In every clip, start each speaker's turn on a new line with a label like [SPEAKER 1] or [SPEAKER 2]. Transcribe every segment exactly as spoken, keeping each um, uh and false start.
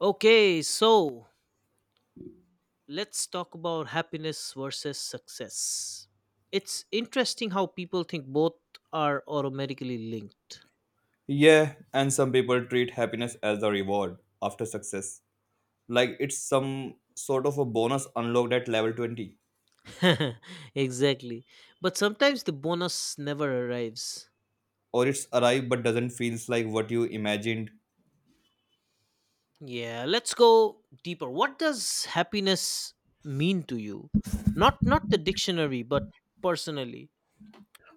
[SPEAKER 1] Okay, so let's talk about happiness versus success. It's interesting how people think both are automatically linked.
[SPEAKER 2] Yeah, and some people treat happiness as a reward after success. Like it's some sort of a bonus unlocked at level twenty.
[SPEAKER 1] exactly. But sometimes the bonus never arrives.
[SPEAKER 2] Or it's arrived but doesn't feels like what you imagined.
[SPEAKER 1] Yeah, let's go deeper. What does happiness mean to you? Not not the dictionary, but personally.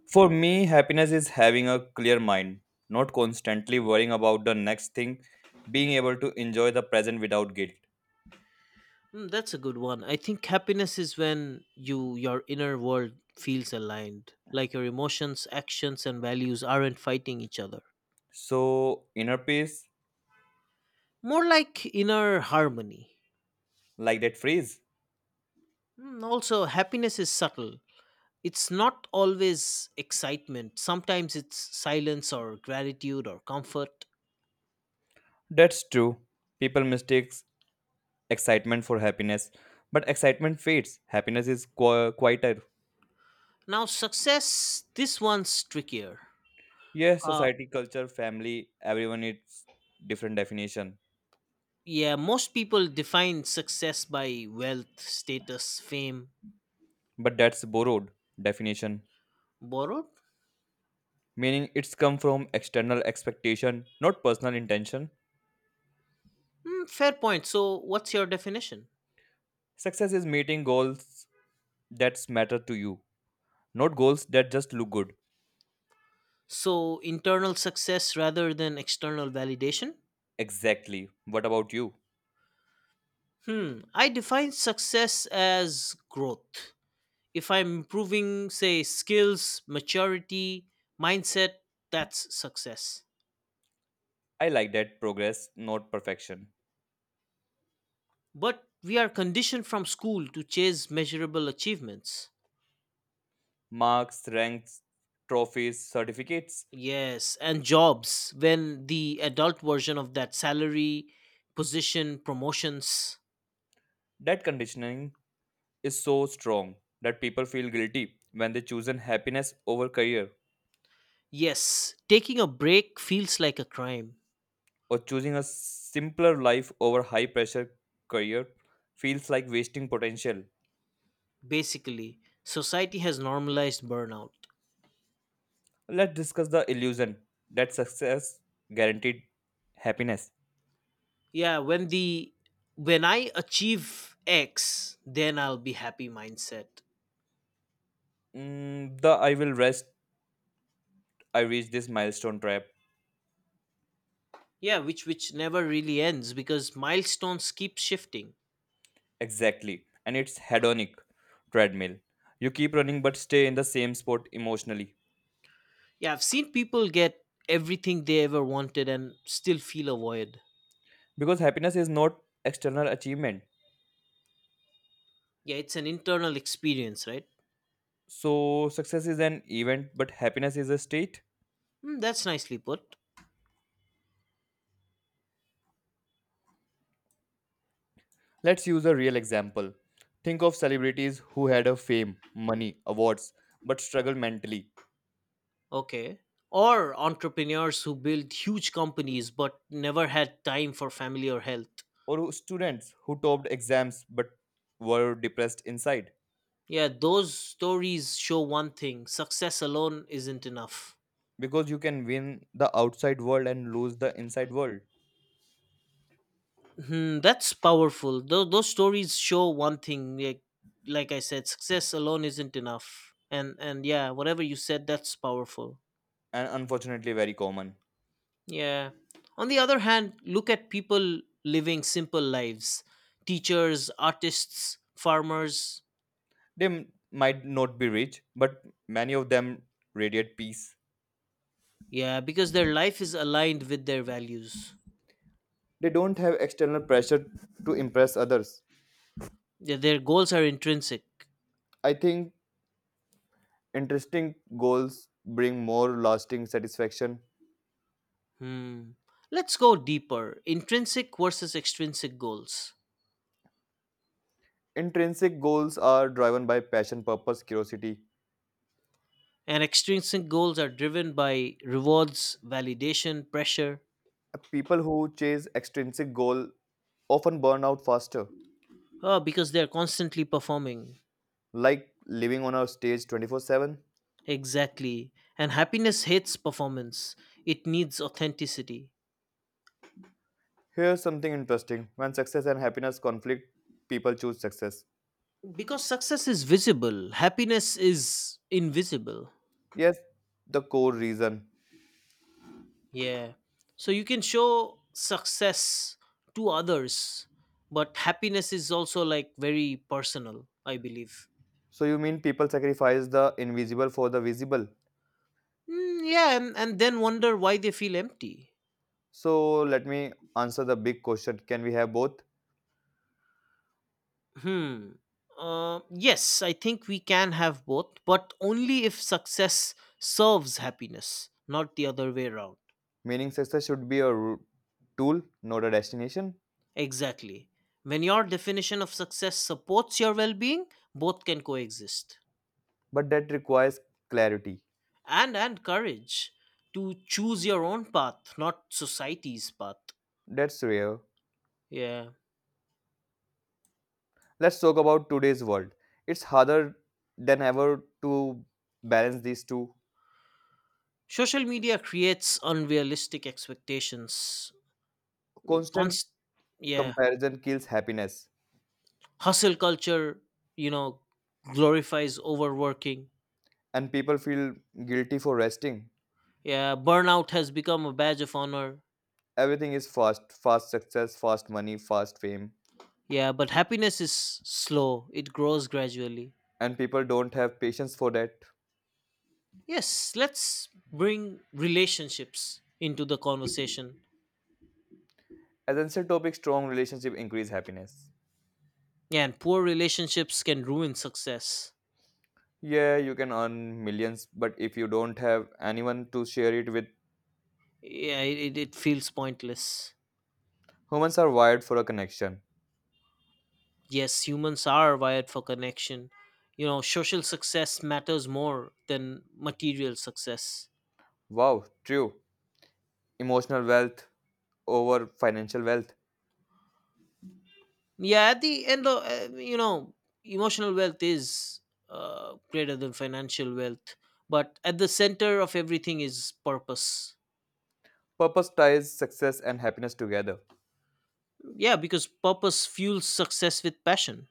[SPEAKER 2] For me, happiness is having a clear mind, not constantly worrying about the next thing, being able to enjoy the present without guilt.
[SPEAKER 1] Mm, that's a good one. I think happiness is when you your inner world feels aligned, like your emotions, actions and values aren't fighting each other.
[SPEAKER 2] So, inner peace,
[SPEAKER 1] More like inner harmony.
[SPEAKER 2] like that phrase.
[SPEAKER 1] Mm, also, happiness is subtle. It's not always excitement. Sometimes it's silence or gratitude or comfort.
[SPEAKER 2] That's true. People mistakes excitement for happiness, but excitement fades. Happiness is qui- quieter.
[SPEAKER 1] Now, success, this one's trickier.
[SPEAKER 2] Yes,
[SPEAKER 1] Uh
[SPEAKER 2] society, culture, family, everyone it's different definition.
[SPEAKER 1] yeah, most people define success by wealth, status, fame,
[SPEAKER 2] But that's borrowed definition.
[SPEAKER 1] borrowed.
[SPEAKER 2] Meaning it's come from external expectation, not personal intention.
[SPEAKER 1] Mm, fair point. So, what's your definition?
[SPEAKER 2] Success is meeting goals that matter to you, not goals that just look good.
[SPEAKER 1] So, internal success rather than external validation?
[SPEAKER 2] Exactly. What about you?
[SPEAKER 1] Hmm. I define success as growth. If I'm improving, say, skills, maturity, mindset, that's success.
[SPEAKER 2] I like that progress, not perfection.
[SPEAKER 1] But we are conditioned from school to chase measurable achievements.
[SPEAKER 2] Marks, ranks, trophies, certificates.
[SPEAKER 1] Yes, and jobs when the adult version of that salary, position, promotions.
[SPEAKER 2] That conditioning is so strong that people feel guilty when they choose happiness over career
[SPEAKER 1] Yes, taking a break feels like a crime.
[SPEAKER 2] or choosing a simpler life over high pressure career feels like wasting potential.
[SPEAKER 1] Basically society has normalized burnout.
[SPEAKER 2] Let's discuss the illusion that success guaranteed happiness.
[SPEAKER 1] Yeah, when the when I achieve x, then I'll be happy mindset.
[SPEAKER 2] Mm, the I will rest, I reach this milestone trap
[SPEAKER 1] Yeah, which which never really ends because milestones keep shifting.
[SPEAKER 2] exactly, and it's hedonic treadmill. You keep running but stay in the same spot emotionally
[SPEAKER 1] Yeah, I've seen people get everything they ever wanted and still feel a void.
[SPEAKER 2] because happiness is not external achievement.
[SPEAKER 1] Yeah, it's an internal experience, right?
[SPEAKER 2] So, success is an event, but happiness is a state.
[SPEAKER 1] Hmm, that's nicely put.
[SPEAKER 2] Let's use a real example. Think of celebrities who had a fame, money, awards, but struggled mentally,
[SPEAKER 1] Okay, or entrepreneurs who build huge companies but never had time for family or health.
[SPEAKER 2] or who- students who topped exams but were depressed inside.
[SPEAKER 1] Yeah, those stories show one thing, success alone isn't enough.
[SPEAKER 2] Because you can win the outside world and lose the inside world,
[SPEAKER 1] Hmm, that's powerful. Those, those stories show one thing. Like, like I said, success alone isn't enough. And, and yeah, whatever you said, that's powerful.
[SPEAKER 2] and unfortunately, very common.
[SPEAKER 1] Yeah. On the other hand, look at people living simple lives, teachers, artists, farmers.
[SPEAKER 2] They m- might not be rich, but many of them radiate peace.
[SPEAKER 1] Yeah, because their life is aligned with their values,
[SPEAKER 2] They don't have external pressure to impress others.
[SPEAKER 1] their, their goals are intrinsic.
[SPEAKER 2] I think interesting goals bring more lasting satisfaction.
[SPEAKER 1] Hmm. Let's go deeper, intrinsic versus extrinsic goals.
[SPEAKER 2] Intrinsic goals are driven by passion, purpose, curiosity.
[SPEAKER 1] And extrinsic goals are driven by rewards, validation, pressure.
[SPEAKER 2] People who chase extrinsic goal often burn out faster,
[SPEAKER 1] Oh, because they're constantly performing.
[SPEAKER 2] like living on a stage twenty-four seven.
[SPEAKER 1] Exactly. And happiness hates performance, it needs authenticity.
[SPEAKER 2] Here's something interesting. When success and happiness conflict, people choose success.
[SPEAKER 1] Because success is visible, happiness is invisible.
[SPEAKER 2] Yes, the core reason.
[SPEAKER 1] Yeah. So you can show success to others, but happiness is also like very personal, I believe.
[SPEAKER 2] So you mean people sacrifice the invisible for the visible?
[SPEAKER 1] Mm, yeah, and, and then wonder why they feel empty.
[SPEAKER 2] So let me answer the big question. Can we have both?
[SPEAKER 1] Hmm. Uh, yes, I think we can have both, but only if success serves happiness, not the other way around.
[SPEAKER 2] Meaning success should be a ru- tool, not a destination,
[SPEAKER 1] Exactly. When your definition of success supports your well being, both can coexist.
[SPEAKER 2] but that requires clarity.
[SPEAKER 1] And and courage to choose your own path, not society's path.
[SPEAKER 2] That's rare.
[SPEAKER 1] Yeah.
[SPEAKER 2] Let's talk about today's world. It's harder than ever to balance these two.
[SPEAKER 1] Social media creates unrealistic expectations.
[SPEAKER 2] Constant
[SPEAKER 1] Const- yeah.
[SPEAKER 2] comparison kills happiness,
[SPEAKER 1] Hustle culture, you know glorifies overworking.
[SPEAKER 2] and people feel guilty for resting.
[SPEAKER 1] Yeah, burnout has become a badge of honor.
[SPEAKER 2] Everything is fast fast success, fast money, fast fame,
[SPEAKER 1] Yeah, but happiness is slow, it grows gradually.
[SPEAKER 2] and people don't have patience for that.
[SPEAKER 1] Yes, let's bring relationships into the conversation.
[SPEAKER 2] Essential topic strong relationship increase happiness.
[SPEAKER 1] Yeah, and poor relationships can ruin success.
[SPEAKER 2] Yeah, you can earn millions, but if you don't have anyone to share it with,
[SPEAKER 1] Yeah, it, it it feels pointless.
[SPEAKER 2] humans are wired for a connection.
[SPEAKER 1] Yes, humans are wired for connection, you know social success matters more than material success.
[SPEAKER 2] Wow, true. Emotional wealth over financial wealth.
[SPEAKER 1] Yeah, at the end of uh, you know emotional wealth is uh, greater than financial wealth, but at the center of everything is purpose.
[SPEAKER 2] Purpose ties success and happiness together
[SPEAKER 1] Yeah, because purpose fuels success with passion.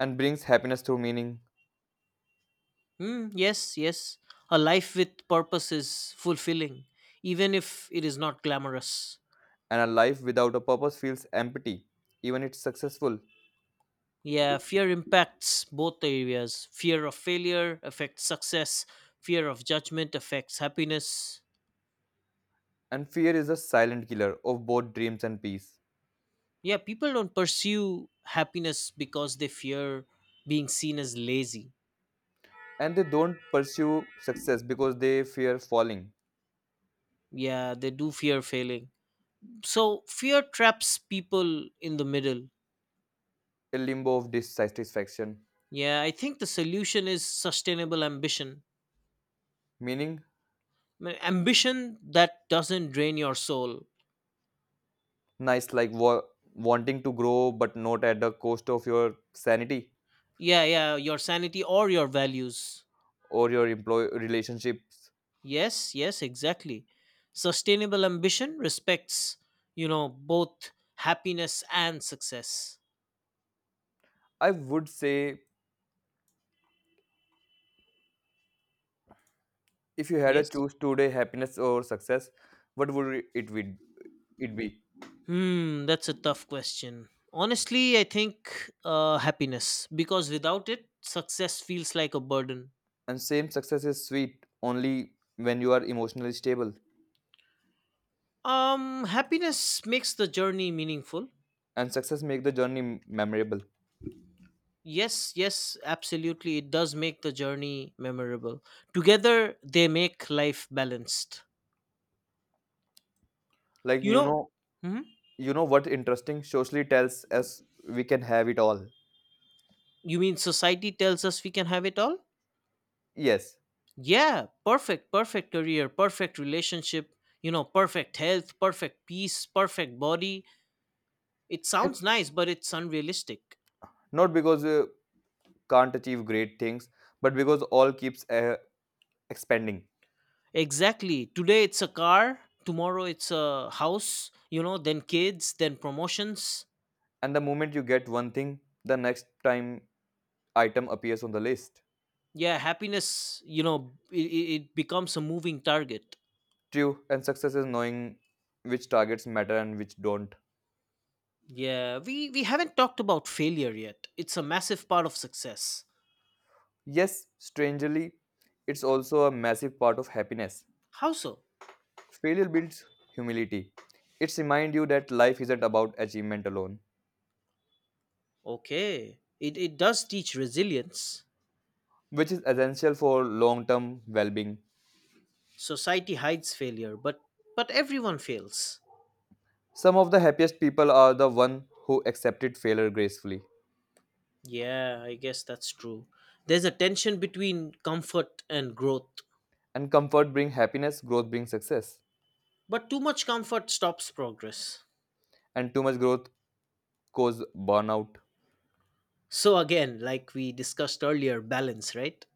[SPEAKER 2] and brings happiness through meaning.
[SPEAKER 1] Hmm. yes yes a life with purpose is fulfilling, even if it is not glamorous.
[SPEAKER 2] And a life without a purpose feels empty, even if it's successful.
[SPEAKER 1] Yeah, fear impacts both areas, fear of failure affects success, fear of judgment affects happiness.
[SPEAKER 2] And fear is a silent killer of both dreams and peace.
[SPEAKER 1] Yeah, people don't pursue happiness because they fear being seen as lazy.
[SPEAKER 2] And they don't pursue success because they fear falling,
[SPEAKER 1] Yeah, they do fear failing, so fear traps people in the middle.
[SPEAKER 2] a limbo of dissatisfaction.
[SPEAKER 1] Yeah, I think the solution is sustainable ambition.
[SPEAKER 2] Meaning,
[SPEAKER 1] Ma- ambition that doesn't drain your soul.
[SPEAKER 2] nice like wa- wanting to grow, but not at the cost of your sanity
[SPEAKER 1] Yeah yeah your sanity or your values.
[SPEAKER 2] or your employee relationships.
[SPEAKER 1] Yes yes exactly, sustainable ambition respects you know both happiness and success.
[SPEAKER 2] I would say if you had to
[SPEAKER 1] Yes.
[SPEAKER 2] choose today happiness or success, what would it be? It be?
[SPEAKER 1] Hmm, that's a tough question. Honestly, I think uh, happiness, because without it, success feels like a burden.
[SPEAKER 2] And same success is sweet only when you are emotionally stable.
[SPEAKER 1] Um, happiness makes the journey meaningful.
[SPEAKER 2] And success make the journey m- memorable.
[SPEAKER 1] Yes, yes, absolutely. It does make the journey memorable. Together, they make life balanced.
[SPEAKER 2] Like
[SPEAKER 1] You
[SPEAKER 2] you
[SPEAKER 1] know,
[SPEAKER 2] know,
[SPEAKER 1] hmm?
[SPEAKER 2] you know what interesting socially tells us we can have it all.
[SPEAKER 1] You mean society tells us we can have it all?
[SPEAKER 2] Yes,
[SPEAKER 1] Yeah, perfect, perfect career, perfect relationship, you know, perfect health, perfect peace, perfect body. It sounds
[SPEAKER 2] it-
[SPEAKER 1] nice, but it's unrealistic.
[SPEAKER 2] not because you can't achieve great things, but because all keeps uh, expanding.
[SPEAKER 1] Exactly. Today it's a car, tomorrow it's a house, you know, then kids, then promotions.
[SPEAKER 2] And the moment you get one thing, the next time item appears on the list.
[SPEAKER 1] Yeah, happiness, you know, it, it becomes a moving target.
[SPEAKER 2] True, and success is knowing which targets matter and which don't.
[SPEAKER 1] Yeah, we, we haven't talked about failure yet. It's a massive part of success.
[SPEAKER 2] Yes, strangely, it's also a massive part of happiness.
[SPEAKER 1] How so?
[SPEAKER 2] Failure builds humility. It reminds you that life isn't about achievement alone,
[SPEAKER 1] Okay. It, it does teach resilience.
[SPEAKER 2] which is essential for long term well being.
[SPEAKER 1] Society hides failure, but but everyone fails.
[SPEAKER 2] Some of the happiest people are the one who accepted failure gracefully.
[SPEAKER 1] Yeah, I guess that's true. There's a tension between comfort and growth.
[SPEAKER 2] And comfort brings happiness, growth brings success.
[SPEAKER 1] But too much comfort stops progress.
[SPEAKER 2] And too much growth causes burnout.
[SPEAKER 1] So, again, like we discussed earlier, balance, right?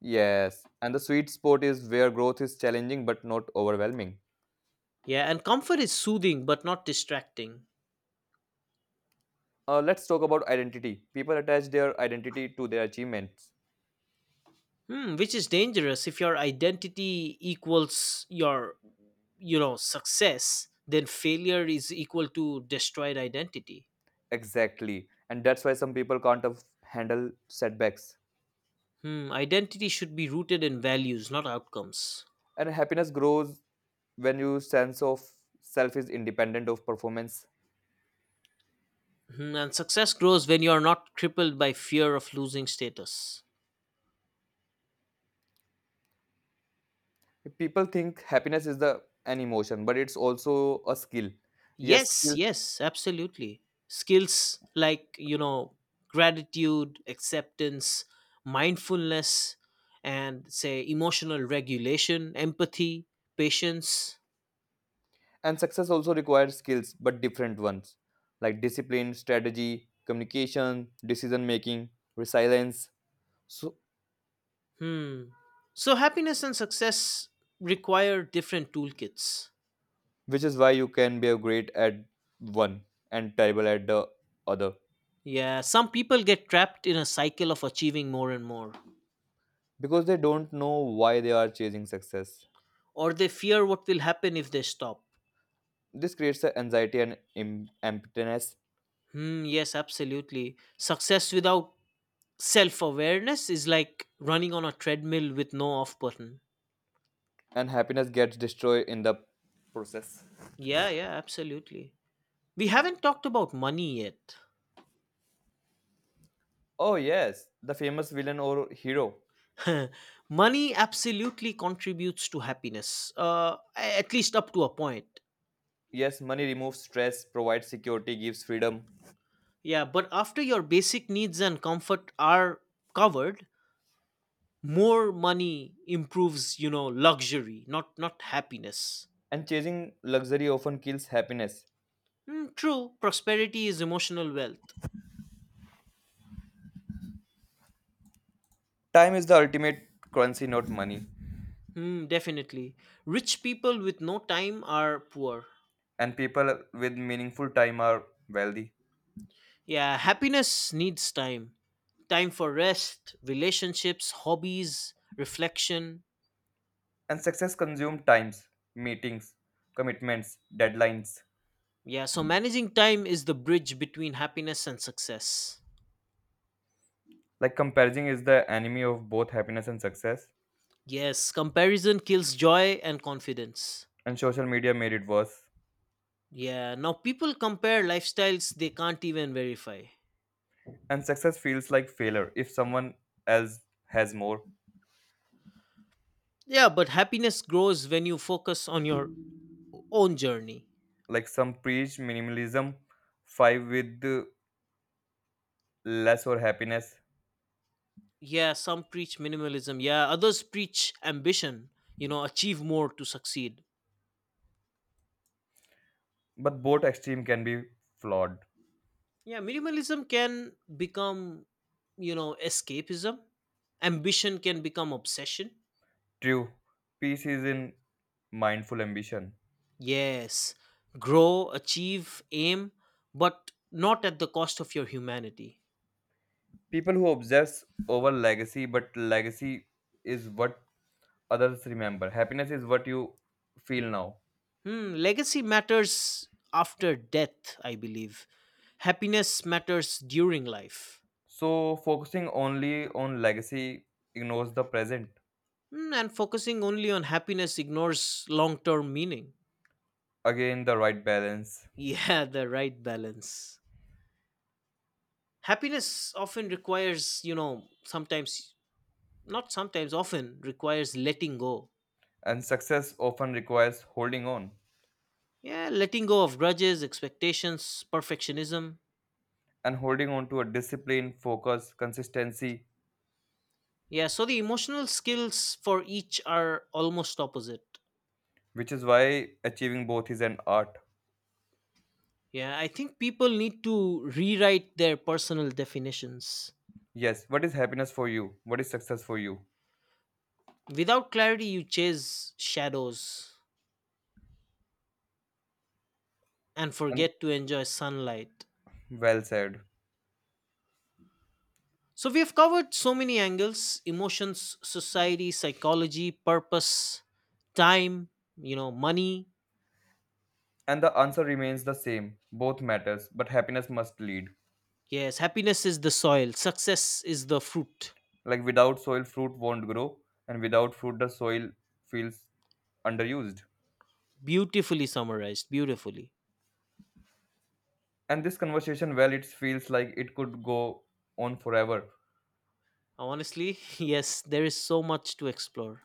[SPEAKER 2] Yes, and the sweet spot is where growth is challenging but not overwhelming.
[SPEAKER 1] Yeah, and comfort is soothing but not distracting.
[SPEAKER 2] Uh, let's talk about identity. People attach their identity to their achievements.
[SPEAKER 1] Hmm, which is dangerous if your identity equals your, you know, success. Then failure is equal to destroyed identity.
[SPEAKER 2] Exactly. And that's why some people can't af- handle setbacks.
[SPEAKER 1] Hmm, identity should be rooted in values, not outcomes.
[SPEAKER 2] And happiness grows when your sense of self is independent of performance.
[SPEAKER 1] Hmm, and success grows when you are not crippled by fear of losing status.
[SPEAKER 2] People think happiness is the an emotion, but it's also a skill. Yes,
[SPEAKER 1] Yes,
[SPEAKER 2] skill.
[SPEAKER 1] yes, absolutely. Skills like, you know, gratitude, acceptance, mindfulness, and say emotional regulation, empathy, patience.
[SPEAKER 2] And success also requires skills, but different ones like discipline, strategy, communication, decision making, resilience. So,
[SPEAKER 1] Hmm. So, happiness and success require different toolkits.
[SPEAKER 2] which is why you can be a great at one and terrible at the other.
[SPEAKER 1] Yeah, some people get trapped in a cycle of achieving more and more,
[SPEAKER 2] Because they don't know why they are chasing success.
[SPEAKER 1] or they fear what will happen if they stop.
[SPEAKER 2] This creates a anxiety and em- emptiness,
[SPEAKER 1] Hmm, yes, absolutely. Success without self awareness is like running on a treadmill with no off button.
[SPEAKER 2] and happiness gets destroyed in the process.
[SPEAKER 1] Yeah, yeah, absolutely. We haven't talked about money
[SPEAKER 2] Oh, yes, the famous villain or hero.
[SPEAKER 1] yet. Money absolutely contributes to happiness, uh, at least up to a point.
[SPEAKER 2] Yes, money removes stress, provides security, gives freedom,
[SPEAKER 1] Yeah, but after your basic needs and comfort are covered, more money improves, you know, luxury, not not happiness.
[SPEAKER 2] and chasing luxury often kills happiness.
[SPEAKER 1] Hmm, true, prosperity is emotional wealth.
[SPEAKER 2] Time is the ultimate currency, not money,
[SPEAKER 1] Hmm, definitely. Rich people with no time are poor.
[SPEAKER 2] and people with meaningful time are wealthy.
[SPEAKER 1] Yeah, happiness needs time. Time for rest, relationships, hobbies, reflection.
[SPEAKER 2] And success consumes times, meetings, commitments, deadlines.
[SPEAKER 1] Yeah, so managing time is the bridge between happiness and success.
[SPEAKER 2] Like comparison is the enemy of both happiness and success,
[SPEAKER 1] Yes, comparison kills joy and confidence.
[SPEAKER 2] and social media made it worse.
[SPEAKER 1] Yeah, now people compare lifestyles they can't even verify.
[SPEAKER 2] And success feels like failure if someone else has more.
[SPEAKER 1] Yeah, but happiness grows when you focus on your own journey.
[SPEAKER 2] Like some preach minimalism, five with uh, less or happiness,
[SPEAKER 1] Yeah, some preach minimalism. Yeah, others preach ambition, you know, achieve more to succeed.
[SPEAKER 2] but both extreme can be flawed.
[SPEAKER 1] Yeah, minimalism can become, you know, escapism. Ambition can become obsession.
[SPEAKER 2] True, peace is in mindful ambition.
[SPEAKER 1] Yes, grow, achieve, aim, but not at the cost of your humanity.
[SPEAKER 2] People who obsess over legacy, but legacy is what others remember. Happiness is what you feel now.
[SPEAKER 1] Hmm, legacy matters after death, I believe. Happiness matters during life.
[SPEAKER 2] So focusing only on legacy ignores the present.
[SPEAKER 1] Hmm, and focusing only on happiness ignores long term meaning.
[SPEAKER 2] Again, the right balance.
[SPEAKER 1] Yeah, the right balance. Happiness often requires, you know, sometimes not sometimes, often requires letting go.
[SPEAKER 2] And success often requires holding on
[SPEAKER 1] Yeah, letting go of grudges, expectations, perfectionism.
[SPEAKER 2] and holding on to a discipline, focus, consistency,
[SPEAKER 1] Yeah, so the emotional skills for each are almost opposite.
[SPEAKER 2] which is why achieving both is an art.
[SPEAKER 1] Yeah, I think people need to rewrite their personal definitions.
[SPEAKER 2] Yes, what is happiness for you? What is success for you?
[SPEAKER 1] Without clarity, you chase shadows and
[SPEAKER 2] And
[SPEAKER 1] forget to enjoy sunlight.
[SPEAKER 2] well said.
[SPEAKER 1] So, we have covered so many angles, emotions, society, psychology, purpose, time, you know, money.
[SPEAKER 2] And the answer remains the same. Both matters, but happiness must lead.
[SPEAKER 1] Yes, happiness is the soil, success is the fruit.
[SPEAKER 2] Like without soil, fruit won't grow, and without fruit, the soil feels underused.
[SPEAKER 1] Beautifully summarized, beautifully.
[SPEAKER 2] And this conversation well it feels like it could go on forever.
[SPEAKER 1] Honestly, yes, there is so much to explore.